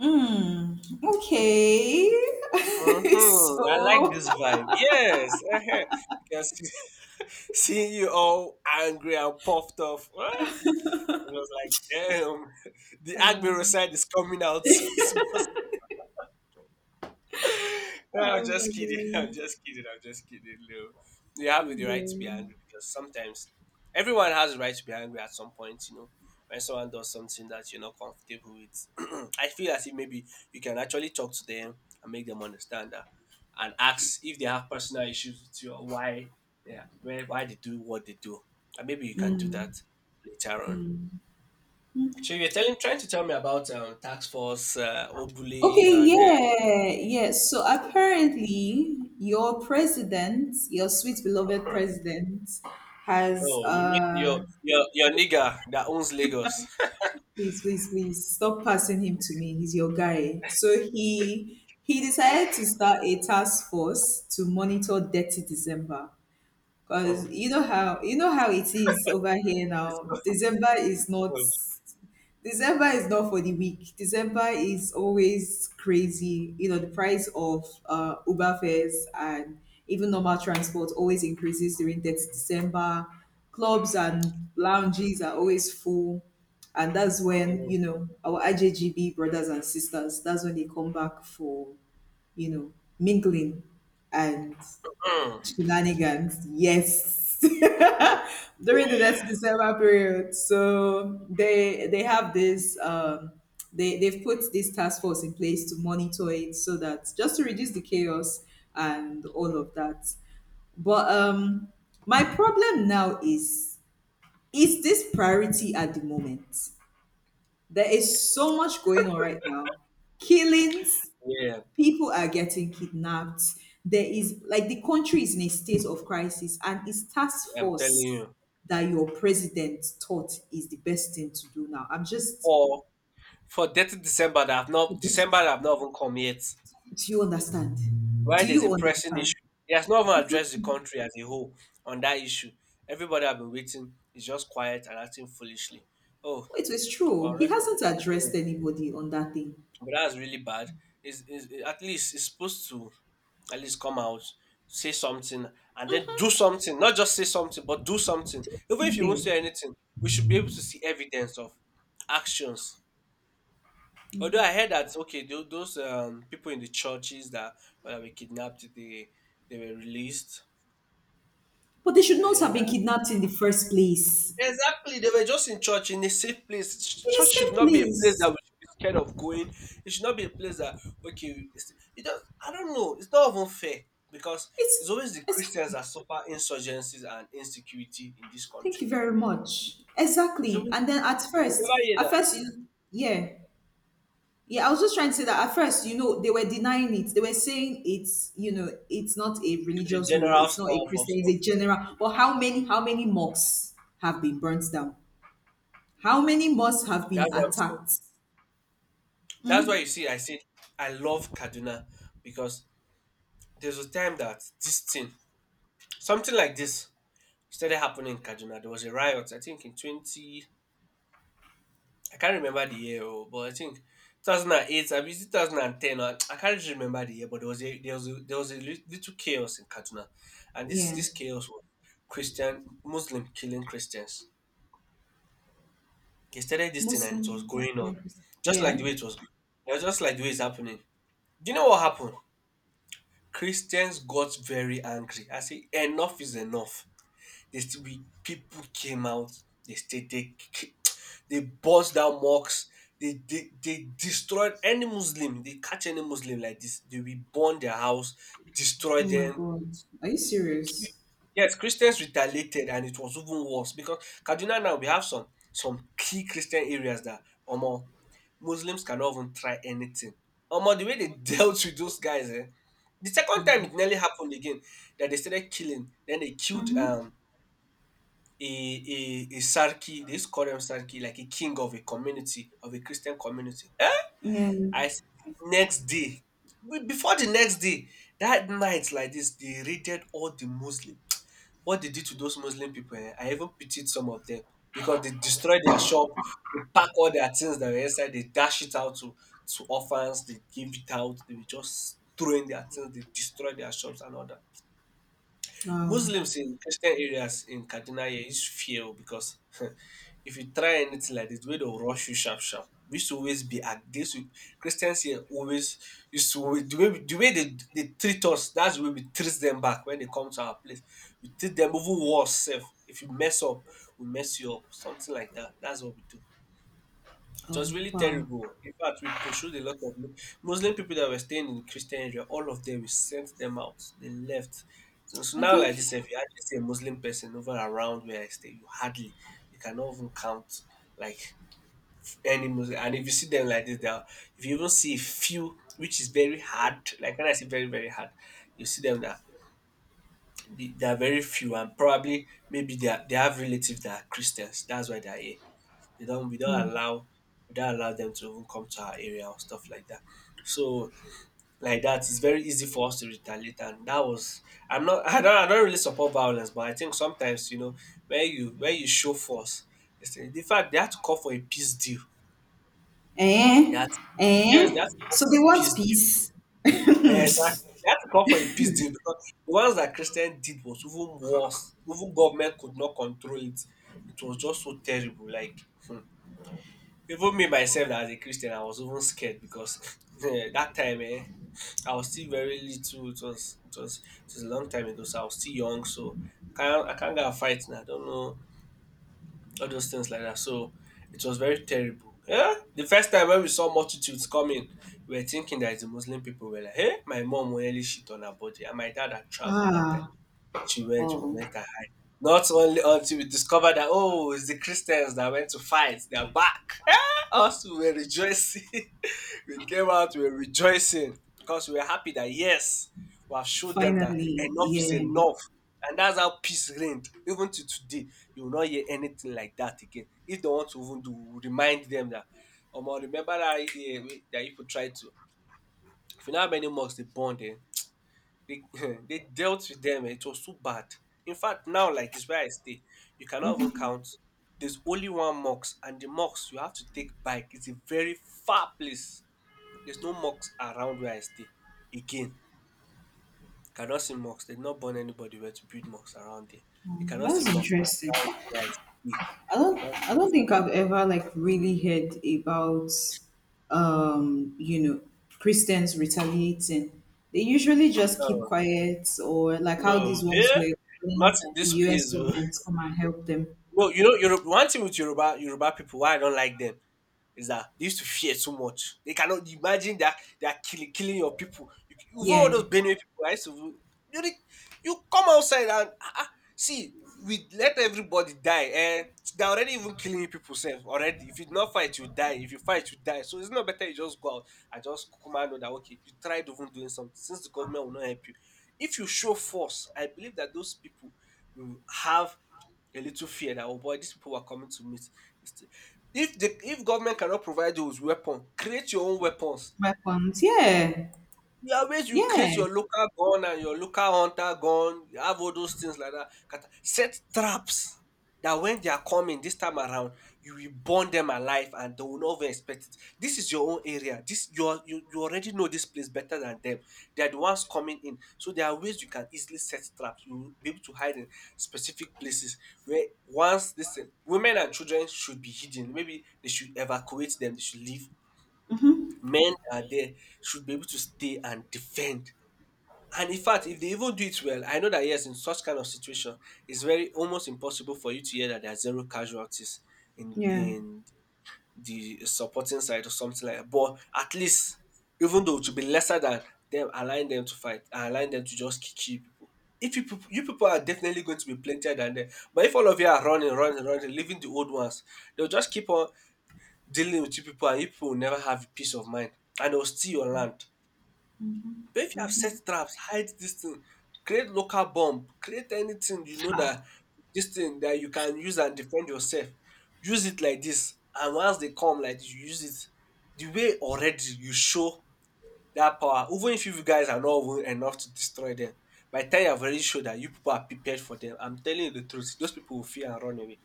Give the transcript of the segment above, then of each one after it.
Mm, okay. Mm-hmm. I like so, this vibe. Yes. Uh-huh. Because seeing you all angry and puffed off, ah, it was like, damn, the Agbero um, side is coming out so small. No, I'm oh my just kidding. I'm God. just kidding. I'm just kidding, Leo. You have the right to be Yeah. angry because sometimes everyone has the right to be angry at some point, When someone does something that you're not comfortable with, I feel as if maybe you can actually talk to them and make them understand that and ask if they have personal issues with you or why yeah, why they do what they do. And maybe you can do that later on. So you're telling trying to tell me about tax force, Obuli Okay, and yeah, yeah. So apparently, your president, your sweet beloved president, has Oh, you mean your your nigger that owns Lagos? please, please, please stop passing him to me. He's your guy. So he decided to start a task force to monitor Dirty December. Hmm. Cause you know how it is over here It's now. good. December is not for the weak. December is always crazy. You know, the price of Uber fares and even normal transport always increases during that December. Clubs and lounges are always full. And that's when, Mm. you know, our IJGB brothers and sisters, that's when they come back for, you know, mingling and Mm. Shenanigans, yes. During the next December period, so they have this, they've put this task force in place to monitor it, so that just to reduce the chaos and all of that. But my problem now is, is this priority at the moment? There is so much going on right now. Killings, Yeah, people are getting kidnapped. There is like, the country is in a state of crisis, and it's task I'm telling force you. that your president thought is the best thing to do now. I'm just, Or for dirty December that have not do even come yet. you understand? Why Do there's a you pressing understand? issue. He has not even addressed the country as a whole on that issue. Everybody have been waiting is just quiet and acting foolishly. Oh, Well, it was well true. He record. hasn't addressed Mm. anybody on that thing. But that's really bad. Is at least it's supposed to at least come out, say something, and then do something. Not just say something, but do something. Even if you won't say Thing, anything, we should be able to see evidence of actions. Although I heard that okay, those people in the churches that were kidnapped, they were released. but they should I not have heard been kidnapped in the first place. exactly, they were just in church in a safe place. In a Church should safe not be a place that place. we should be scared of going. It should not be a place that okay, it does. I don't know. It's not even fair because it's It's, always the it's Christians that suffer insurgencies and insecurity in this Thank country. you very much. It's Exactly. always And then at you first, never hear at that first, yeah, Yeah, I was just trying to say that at first, you know, they were denying it. They were saying it's, you know, it's not a the religious war. general It's not a stuff of Christian. It's stuff. a general. But how many mosques have been burnt down? How many mosques have been That's what I'm saying. attacked? That's why you see, I said I love Kaduna because there's a time that this thing, something like this, started happening in Kaduna. There was a riot, I think, in 20 I can't remember the year, oh, but I think 2008, I mean, 2010. I can't really remember the year, but there was a little chaos in Katuna, and this Yeah, this chaos was Christian Muslim killing Christians. They started this thing and it was Muslim. going Yeah. on, Christian. just like the Yeah. way it was, yeah, just like the way it's happening. Do you know what happened? Christians got very angry. I say enough is enough. They still we people came out. They stayed. They burst down mosques. They destroyed any Muslim. They catch any Muslim like this. They will burn their house, destroy Oh my them. God. Are you kill- serious? Yes, Christians retaliated, and it was even worse because Kaduna now we have some key Christian areas that Omo Muslims cannot even try anything. Omo the way they dealt with those guys, eh? The second time it nearly happened again that they started killing. Then they killed a sarki they used to call them sarki, like a king of a community, of a Christian community. Eh! Yeah. I next day, be before the next day, that night like this, they raided all the Muslim. What they did to those Muslim people eh, I even pitied some of them because they destroyed their shop, they pack all their things that were inside, they dash it out to orphans, they give it out, they were just throwing their things, they destroyed their shops and all that. Wow. Muslims in Christian areas in Kaduna here is fear o, because if you try anything like this, way they'll rush you sharp sharp. We used to always be at this Christians here always the way we, the way they treat us, that's the way we treat them back when they come to our place. We treat them even worse self. If you mess up, we mess you up. Something like that. That's what we do. It was Oh really wow. terrible. In fact, we pursued a lot of Muslim people that were staying in Christian area. All of them, we sent them out. They left. So I now, think. like this, if you actually see a Muslim person over around where I stay, you hardly, you cannot even count like any Muslim. And if you see them like this, they are, if you even see a few, which is very hard, like when I say very, very hard, you see them that they are very few and probably maybe they, are, they have relatives that are Christians. That's why they are here they don't we don't allow them to even come to our area or stuff like that. So like that, it's very easy for us to retaliate, and that was I'm not I don't really support violence, but I think sometimes you know where you show force. It's, in fact, they had to call for a peace deal. Eh. That yes, they Eh. had to call So for they a want peace deal. peace. Yeah, exactly. They had to call for a peace deal because the ones that Christian did was even worse. Even government could not control it. It was just so terrible. Like hmm. Even me myself that as a Christian, I was even scared because eh, that time, eh, I was still very little. It was it was a long time ago, so I was still young. So I can't go and fight now. I don't know all those things like that. So it was very terrible. Yeah, the first time when we saw multitudes coming, we were thinking that it's the Muslim people. We were like, hey, my mom will nearly shit on her body, and my dad had traveled that time. Ah. She went, we Oh. went and hide. Not only until we discovered that oh, it's the Christians that went to fight. They're back. Us we were rejoicing. We came out, we were rejoicing because we were happy that yes, we have showed them that Finally. enough is Yeah. enough. And that's how peace reigned. Even to today, you will not hear anything like that again. If they want to even do, we will remind them that, Omo, remember that idea that people try to. If you know how many mosques they burned, eh? They they dealt with them it was so bad. In fact, now like this where I stay, you cannot even count. There's only one mosque, and the mosque you have to take bike. It's a very far place. There's no mosque around where I stay. Again, cannot see mosques. They've not born anybody where to build mosques around there. You cannot see That's mosques interesting. around where I stay. You don't can't see I don't mosques. think I've ever like really heard about you know, Christians retaliating. They usually just keep Oh, quiet, or like how no, these ones yeah, were not when in the this US place. Oh. government come and help them. No, you know, Yoruba, one thing with Yoruba, Yoruba people, why I don't like them is that they used to fear so much. They cannot imagine that they are killing your people. You, even all Yeah. those Benue people, I used to, you, you come outside and ah, ah, see, we let everybody die. Eh, they're already even killing people self already. If you not fight, you die. If you fight, you die. So it's not better you just go out and just command on that. Okay, you tried even doing something since the government will not help you. If you show force, I believe that those people will have a little fear that oh boy, these people are coming to meet. If government cannot provide you with weapon, create your own weapons. Weapons. Yeah. You create Yeah. your local gun and your local hunter gun. You have all those things like that. Set traps that when they are coming this time around, you will burn them alive and they will not even expect it. This is your own area. This you are, you already know this place better than them. They are the ones coming in. So there are ways you can easily set traps. You will be able to hide in specific places where once listen, women and children should be hidden. Maybe they should evacuate them, they should leave. Men are there should be able to stay and defend and in fact, if they even do it well, I know that yes, in such kind of situation, it's very almost impossible for you to hear that there are zero casualties in Yeah. in the supporting side or something like that. But at least, even though to be lesser than them, allowing them to fight and allowing them to just kill people. If you people are definitely going to be plentier than them. But if all of you are running, running, running, leaving the old ones, they'll just keep on dealing with you people, and you people will never have peace of mind, and they'll steal your land. But if you have set traps, hide this thing, create local bomb, create anything you know that this thing that you can use and defend yourself. Use it like this, and once they come like this, you use it. The way already you show that power, even if you guys are not even enough to destroy them, by the time you have already showed that you people are prepared for them, I'm telling you the truth, those people will fear and run away.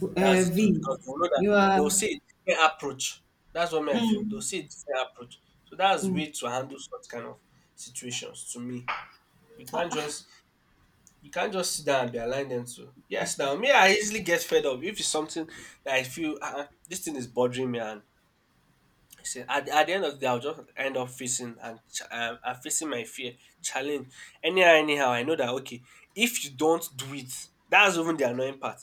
B- That's the v. truth because they will know that You they are will see a different approach. That's what me I feel. They'll mm, see a different approach. So that's mm, way to handle such kind of situations to me. You can't just you can't just sit down and be aligned them to yes now me I easily get fed up if it's something that I feel this thing is bothering me and see, at the end of the day, I'll just end up facing and I'm facing my fear, challenge. Anyhow, I know that okay, if you don't do it, that's even the annoying part.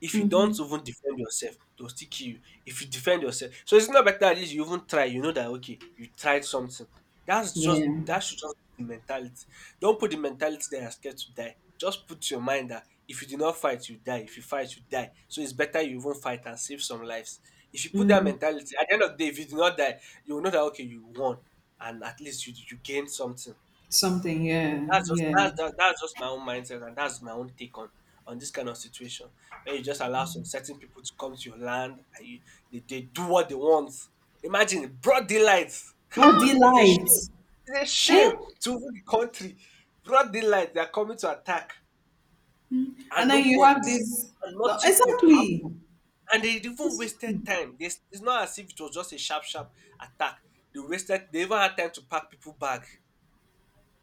If you don't hmm, even defend yourself, they'll still kill you. If you defend yourself, so it's not better at least you even try. You know that okay, you tried something. That's just yeah. that should just be the mentality. Don't put the mentality that you're scared to die. Just put your mind that if you do not fight, you die. If you fight, you die. So it's better you even fight and save some lives. If you put that Mm, mentality, at the end of the day, if you do not die, you will know that okay, you won, and at least you gained something. something, yeah, That's just yeah. that's that, that's just my own mindset, and that's my own take on this kind of situation where you just allow some certain people to come to your land and they do what they want. Imagine broad daylight. Bro, It's a delight. shame. It's a Eh? shame to even the country. Broad daylight, they are coming to attack, and And then you have nobody this, and no, nothing could exactly, happen. And they even exactly. wasted time. This it's not as if it was just a sharp, sharp attack. They wasted. They even had time to pack people bag.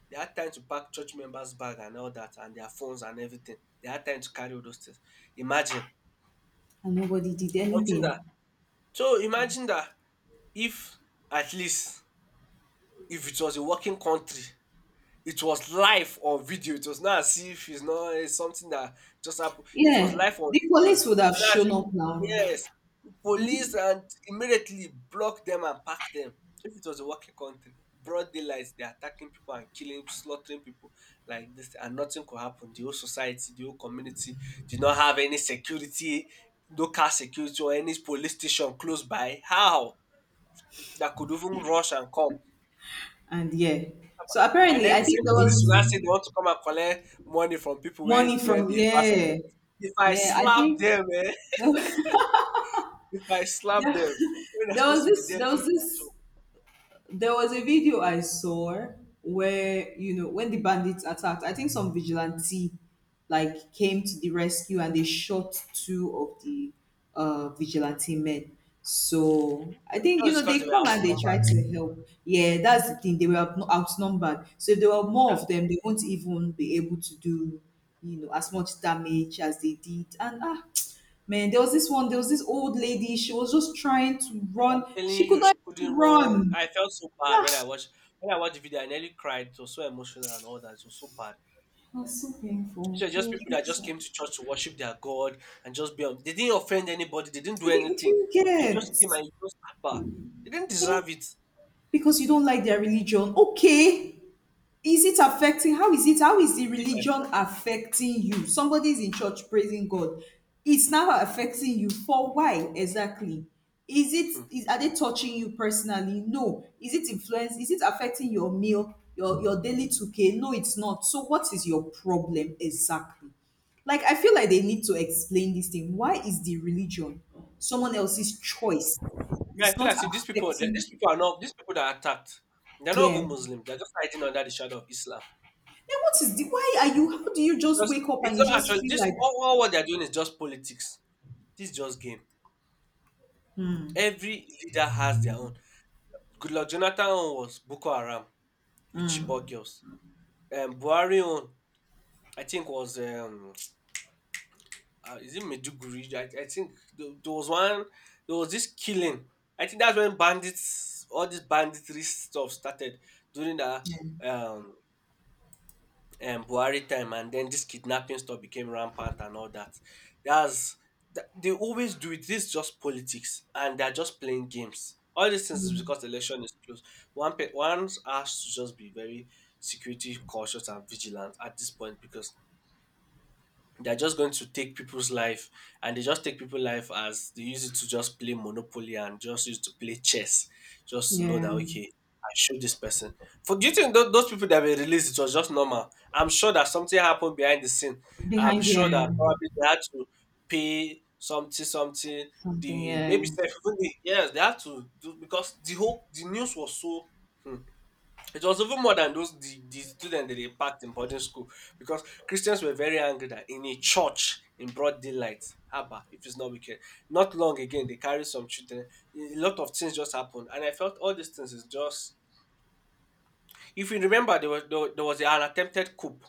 They had time to pack church members' bag and all that, and their phones and everything. They had time to carry all those things. Imagine And nobody did something that. anything. So imagine that if at least if it was a working country, it was live on video. It was not as if it's not it's something that just happened. It was Yeah, live on the video. police would It was have not as shown if up now. yes, police and immediately blocked them and packed them. If it was a working country, broad daylight, they're attacking people and killing, slaughtering people like this, and nothing could happen. The whole society, the whole community did not have any security, no car security or any police station close by. How? That could even rush and come. And yeah, so And apparently, then I the think same there police was will now say they want to come and collect money from people when money when from, they pass on you. yeah, If I yeah, I slap think them, eh? If I slap there, them, when they're there was supposed to be this, there, there doing was their job. this there was a video I saw where, you know, when the bandits attacked, I think some vigilante like came to the rescue and they shot two of the vigilante men. So I I'm think, sure you it's know, because they they were come and they try outnumbered. to help. Yeah, that's the thing. They were outnumbered. So if there were more That's, of them, they won't even be able to do, you know, as much damage as they did. And ah, man, there was this old lady. She was just trying to I'm run. telling She could you, not she couldn't even run. run. I felt so bad when I Ah, watched when I watched the video. I nearly cried. It was so emotional and all that. It was so bad. it was so These painful. were It just was people that really just sad. came to church to worship their God and just be on. They didn't offend anybody. They didn't do Didn't anything. you And you just get? came and you just back. They didn't Eh? deserve it. See Because you don't like their religion. Okay. Is it affecting, how is it, how is the by religion force. affecting you? Somebody is in church praising god, it's now affecting you? For why exactly? Is it, is, are they touching you personally? No. Is it influence, is it affecting your meal, your daily 2K? No, it's not. So what is your problem exactly? Like, I feel like they need to explain this thing, why is the religion someone else's choice? Yeah, I It's feel not as if these people, affecting. these people are not, these people that are attacked, they're not Yeah. even Muslims. They're just hiding under the shadow of Islam. Then what is the, why These are you, people- how do you just Because wake up and it's you not just actually feel this. like, All what they're doing is just politics. This is just game. Every leader has their own. Good luck. Jonathan own was Boko Haram with Chibok girls. Buhari own, I think was is it Meduguri? I think there was one. There was this killing. I think that's when bandits, all this banditry stuff started during the yeah, um Buhari time, and then this kidnapping stuff became rampant and all that. That's they always do it. This is just politics, and they're just playing games. All these things is because the election is close. One has to just be very security cautious and vigilant at this point because they're just going to take people's life and they just take people's life as they use it to just play monopoly and just use to play chess just to know yeah. that okay, I showed this person for. Do you think those people that were released, it was just normal? I'm sure that something happened behind the scene. I'm Behind the sure that probably they had to pay something something. something, The yeah. maybe self even the yes they had to do because the whole the news was so hmm, it was even more than those the students that they packed in boarding school because Christians were very angry that in a church in broad daylight, Abba, if it's not wicked. Not long again, they carried some children. A lot of things just happened, and I felt all these things is just. If you remember, there was an attempted coup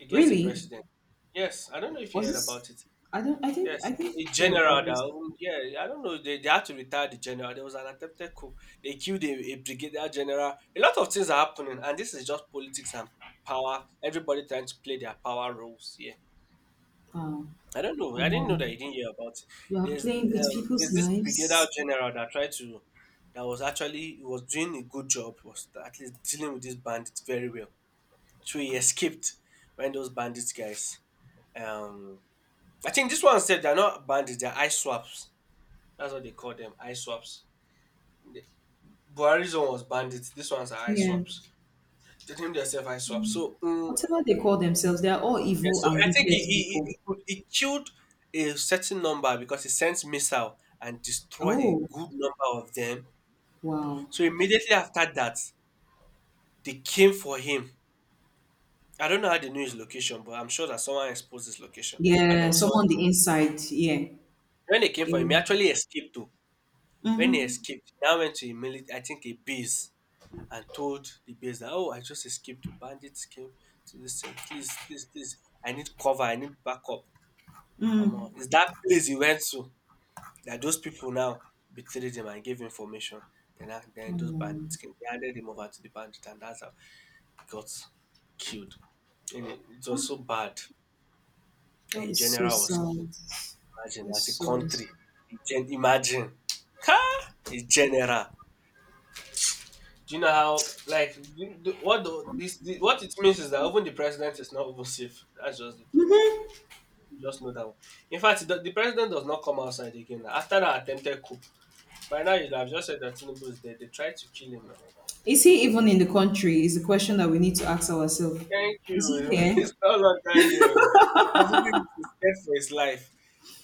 against the Really? president. Yes, I don't know if you Was heard this, about it. I didn't, Yes, I didn't a hear general about this. that who yeah, I don't know, they had to retire the general. There was an attempted coup. They killed a brigadier general. A lot of things are happening, and this is just politics and power. Everybody trying to play their power roles. Yeah, um I don't know. I didn't know no, that you didn't hear about it. you are There's playing with um, there's people's this brigadier lives. general that tried to that was actually, he was doing a good job, was at least dealing with these bandits very well. So he escaped when those bandits guys um I think this one said they're not bandits, they're eye swaps. That's what they call them, eye swaps. The- Buhari's one was bandits. This one's are eye Yeah, swaps. They named themselves eye swaps. So, whatever they call themselves, they are all yeah, evil so and I think wicked he, he, he, people. he could, he killed a certain number because he sent missile and destroyed a Oh good number of them. wow. So immediately after that, they came for him. I don't know how they knew his location, but I'm sure that someone exposed his location and there Yeah, was someone. someone on the inside, yeah. When they came for him, he Mm-hmm, actually escaped too. When he escaped, he now went to a military, I think a base, and told the base that, oh, I just escaped. The bandits came to this thing. Please, please, please. I need cover. I need backup. Mm-hmm. Is that place he went to that those people now betrayed him and gave information. Then those bandits came. They handed him over to the bandit, and that's how he got killed. And it was so bad. That A is so general was sad. killed. Imagine, That's as a so country. sad. Imagine. Ha! A general. Do you know how like what the what it means is that even the president is not even safe. That's just the truth. You just know that. One. In fact, the president does not come outside again. Now. After that attempted coup, by now you'd have just said that Tinubu is dead. They tried to kill him now. Is he even in the country? Is the question that we need to ask ourselves. Thank Is he you. here? He's no longer here because even if he's scared for his life,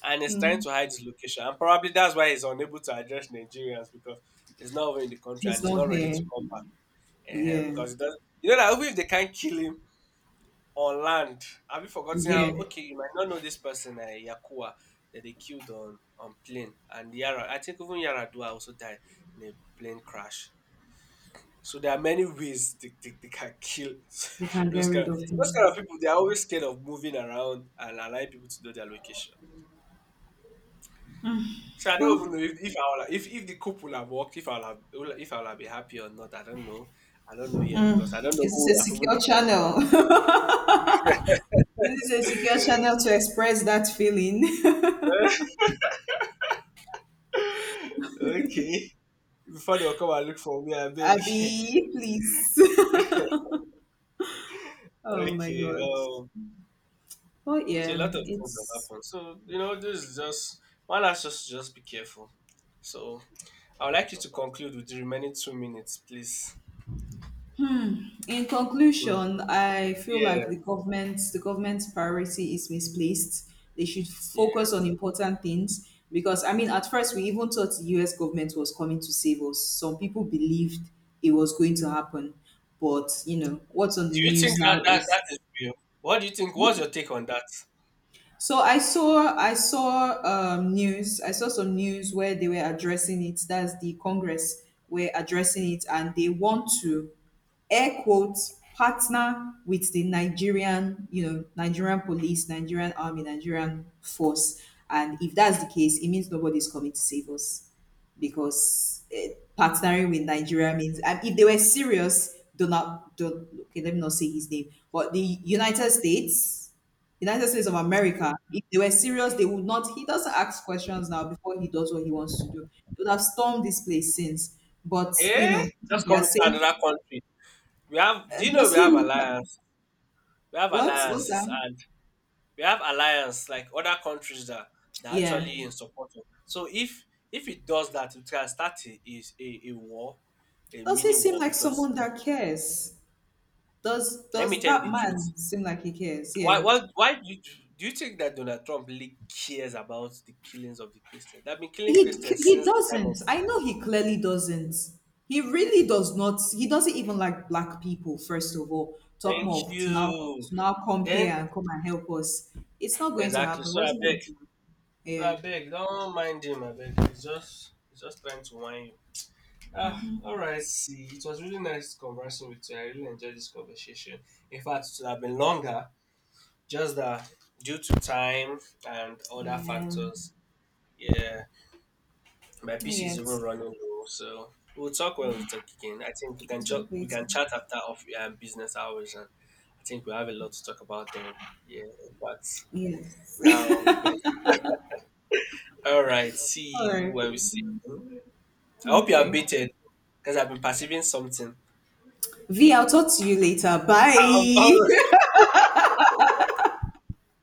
and he's trying Mm, to hide his location, and probably that's why he's unable to address Nigerians because he's not over in the country and he's he's not not ready to here. come back. Ehen, Yeah, because he does, you know that even if they can't kill him, on land. Have you forgotten how? yeah. Okay, you might not know this person, Yakuwa, that they killed on plane, and Yara. I think even Yaradua also died in a plane crash. So there are many ways they can kill We can get those kind. rid Of, of so those him. kind of people, they are always scared of moving around and allowing people to know their location. So I Oh, don't even know if I will, if the couple would have worked, if I will have been happy or not. I don't know. I don't know yet because I don't know who is this would a have even secure taken channel? Is this a secure channel to express that feeling? over. Okay, before they'll come and look for me, I beg. Abby, please. Oh my Okay. god. Um Oh so a yeah, lot of things have it's. happened. So, this is just one last just be careful. So I would like you to conclude with the remaining 2 minutes, please. In Mm. conclusion, I feel Yeah. like the government's priority is misplaced. They should Yeah. focus on important things, because I mean at first we even thought the US government was coming to save us. Some people believed it was going to happen. But you know, what's on the Do you think news that, now that is. that is real? What do you think? What's your take on that? So I saw news I saw some news where they were addressing it. That's the Congress were addressing it, and they want to air quotes partner with the Nigerian, you know, Nigerian police, Nigerian army, Nigerian force. And if that's the case, it means nobody's coming to save us, because eh, partnering with Nigeria means, and if they were serious, Donald, Don, okay, let me not say his name, but the United States of America, if they were serious, they would not. He doesn't ask questions now before he does what he wants to do. He would have stormed this place since. But, you Eh? know, Just they are coming to saying, another country. We have do you know does we he have look like, alliance? We have what? What's alliances that? and we have alliance like other countries that Yeah. actually in support of. So if it does that, it can start a war, a Does he mini seem war. like Because someone yeah, that cares? Let me Does tell you that the man truth. seem like he cares? Why Yeah. why why do you think that Donald Trump really cares about the killings of the Christians? They've been killing He Christians he since the time of doesn't. I know he clearly doesn't. He really does not. He doesn't even like black people. First of all, talk thank more of to now, you. Come here Then and come and help us. It's not going to exactly. happen. It So I wasn't beg. going to Happen. So Yeah, I beg. Don't mind him. I beg. He's just trying to whine you. Ah, all right. See, it was really nice conversing with you. I really enjoyed this conversation. In fact, it would have been longer, just that due to time and other yeah, factors. Yeah, my not PC is even yet. running low, so we'll talk when we talk again. I think we can chat. Talk We later. can chat after off business hours, and I think we have a lot to talk about then. Yeah, in fact, Yes. that will be better. All right. All See you right. when we see. I hope you have Okay. beaten, because I've been perceiving something. V. I'll talk to you later. All Bye. right.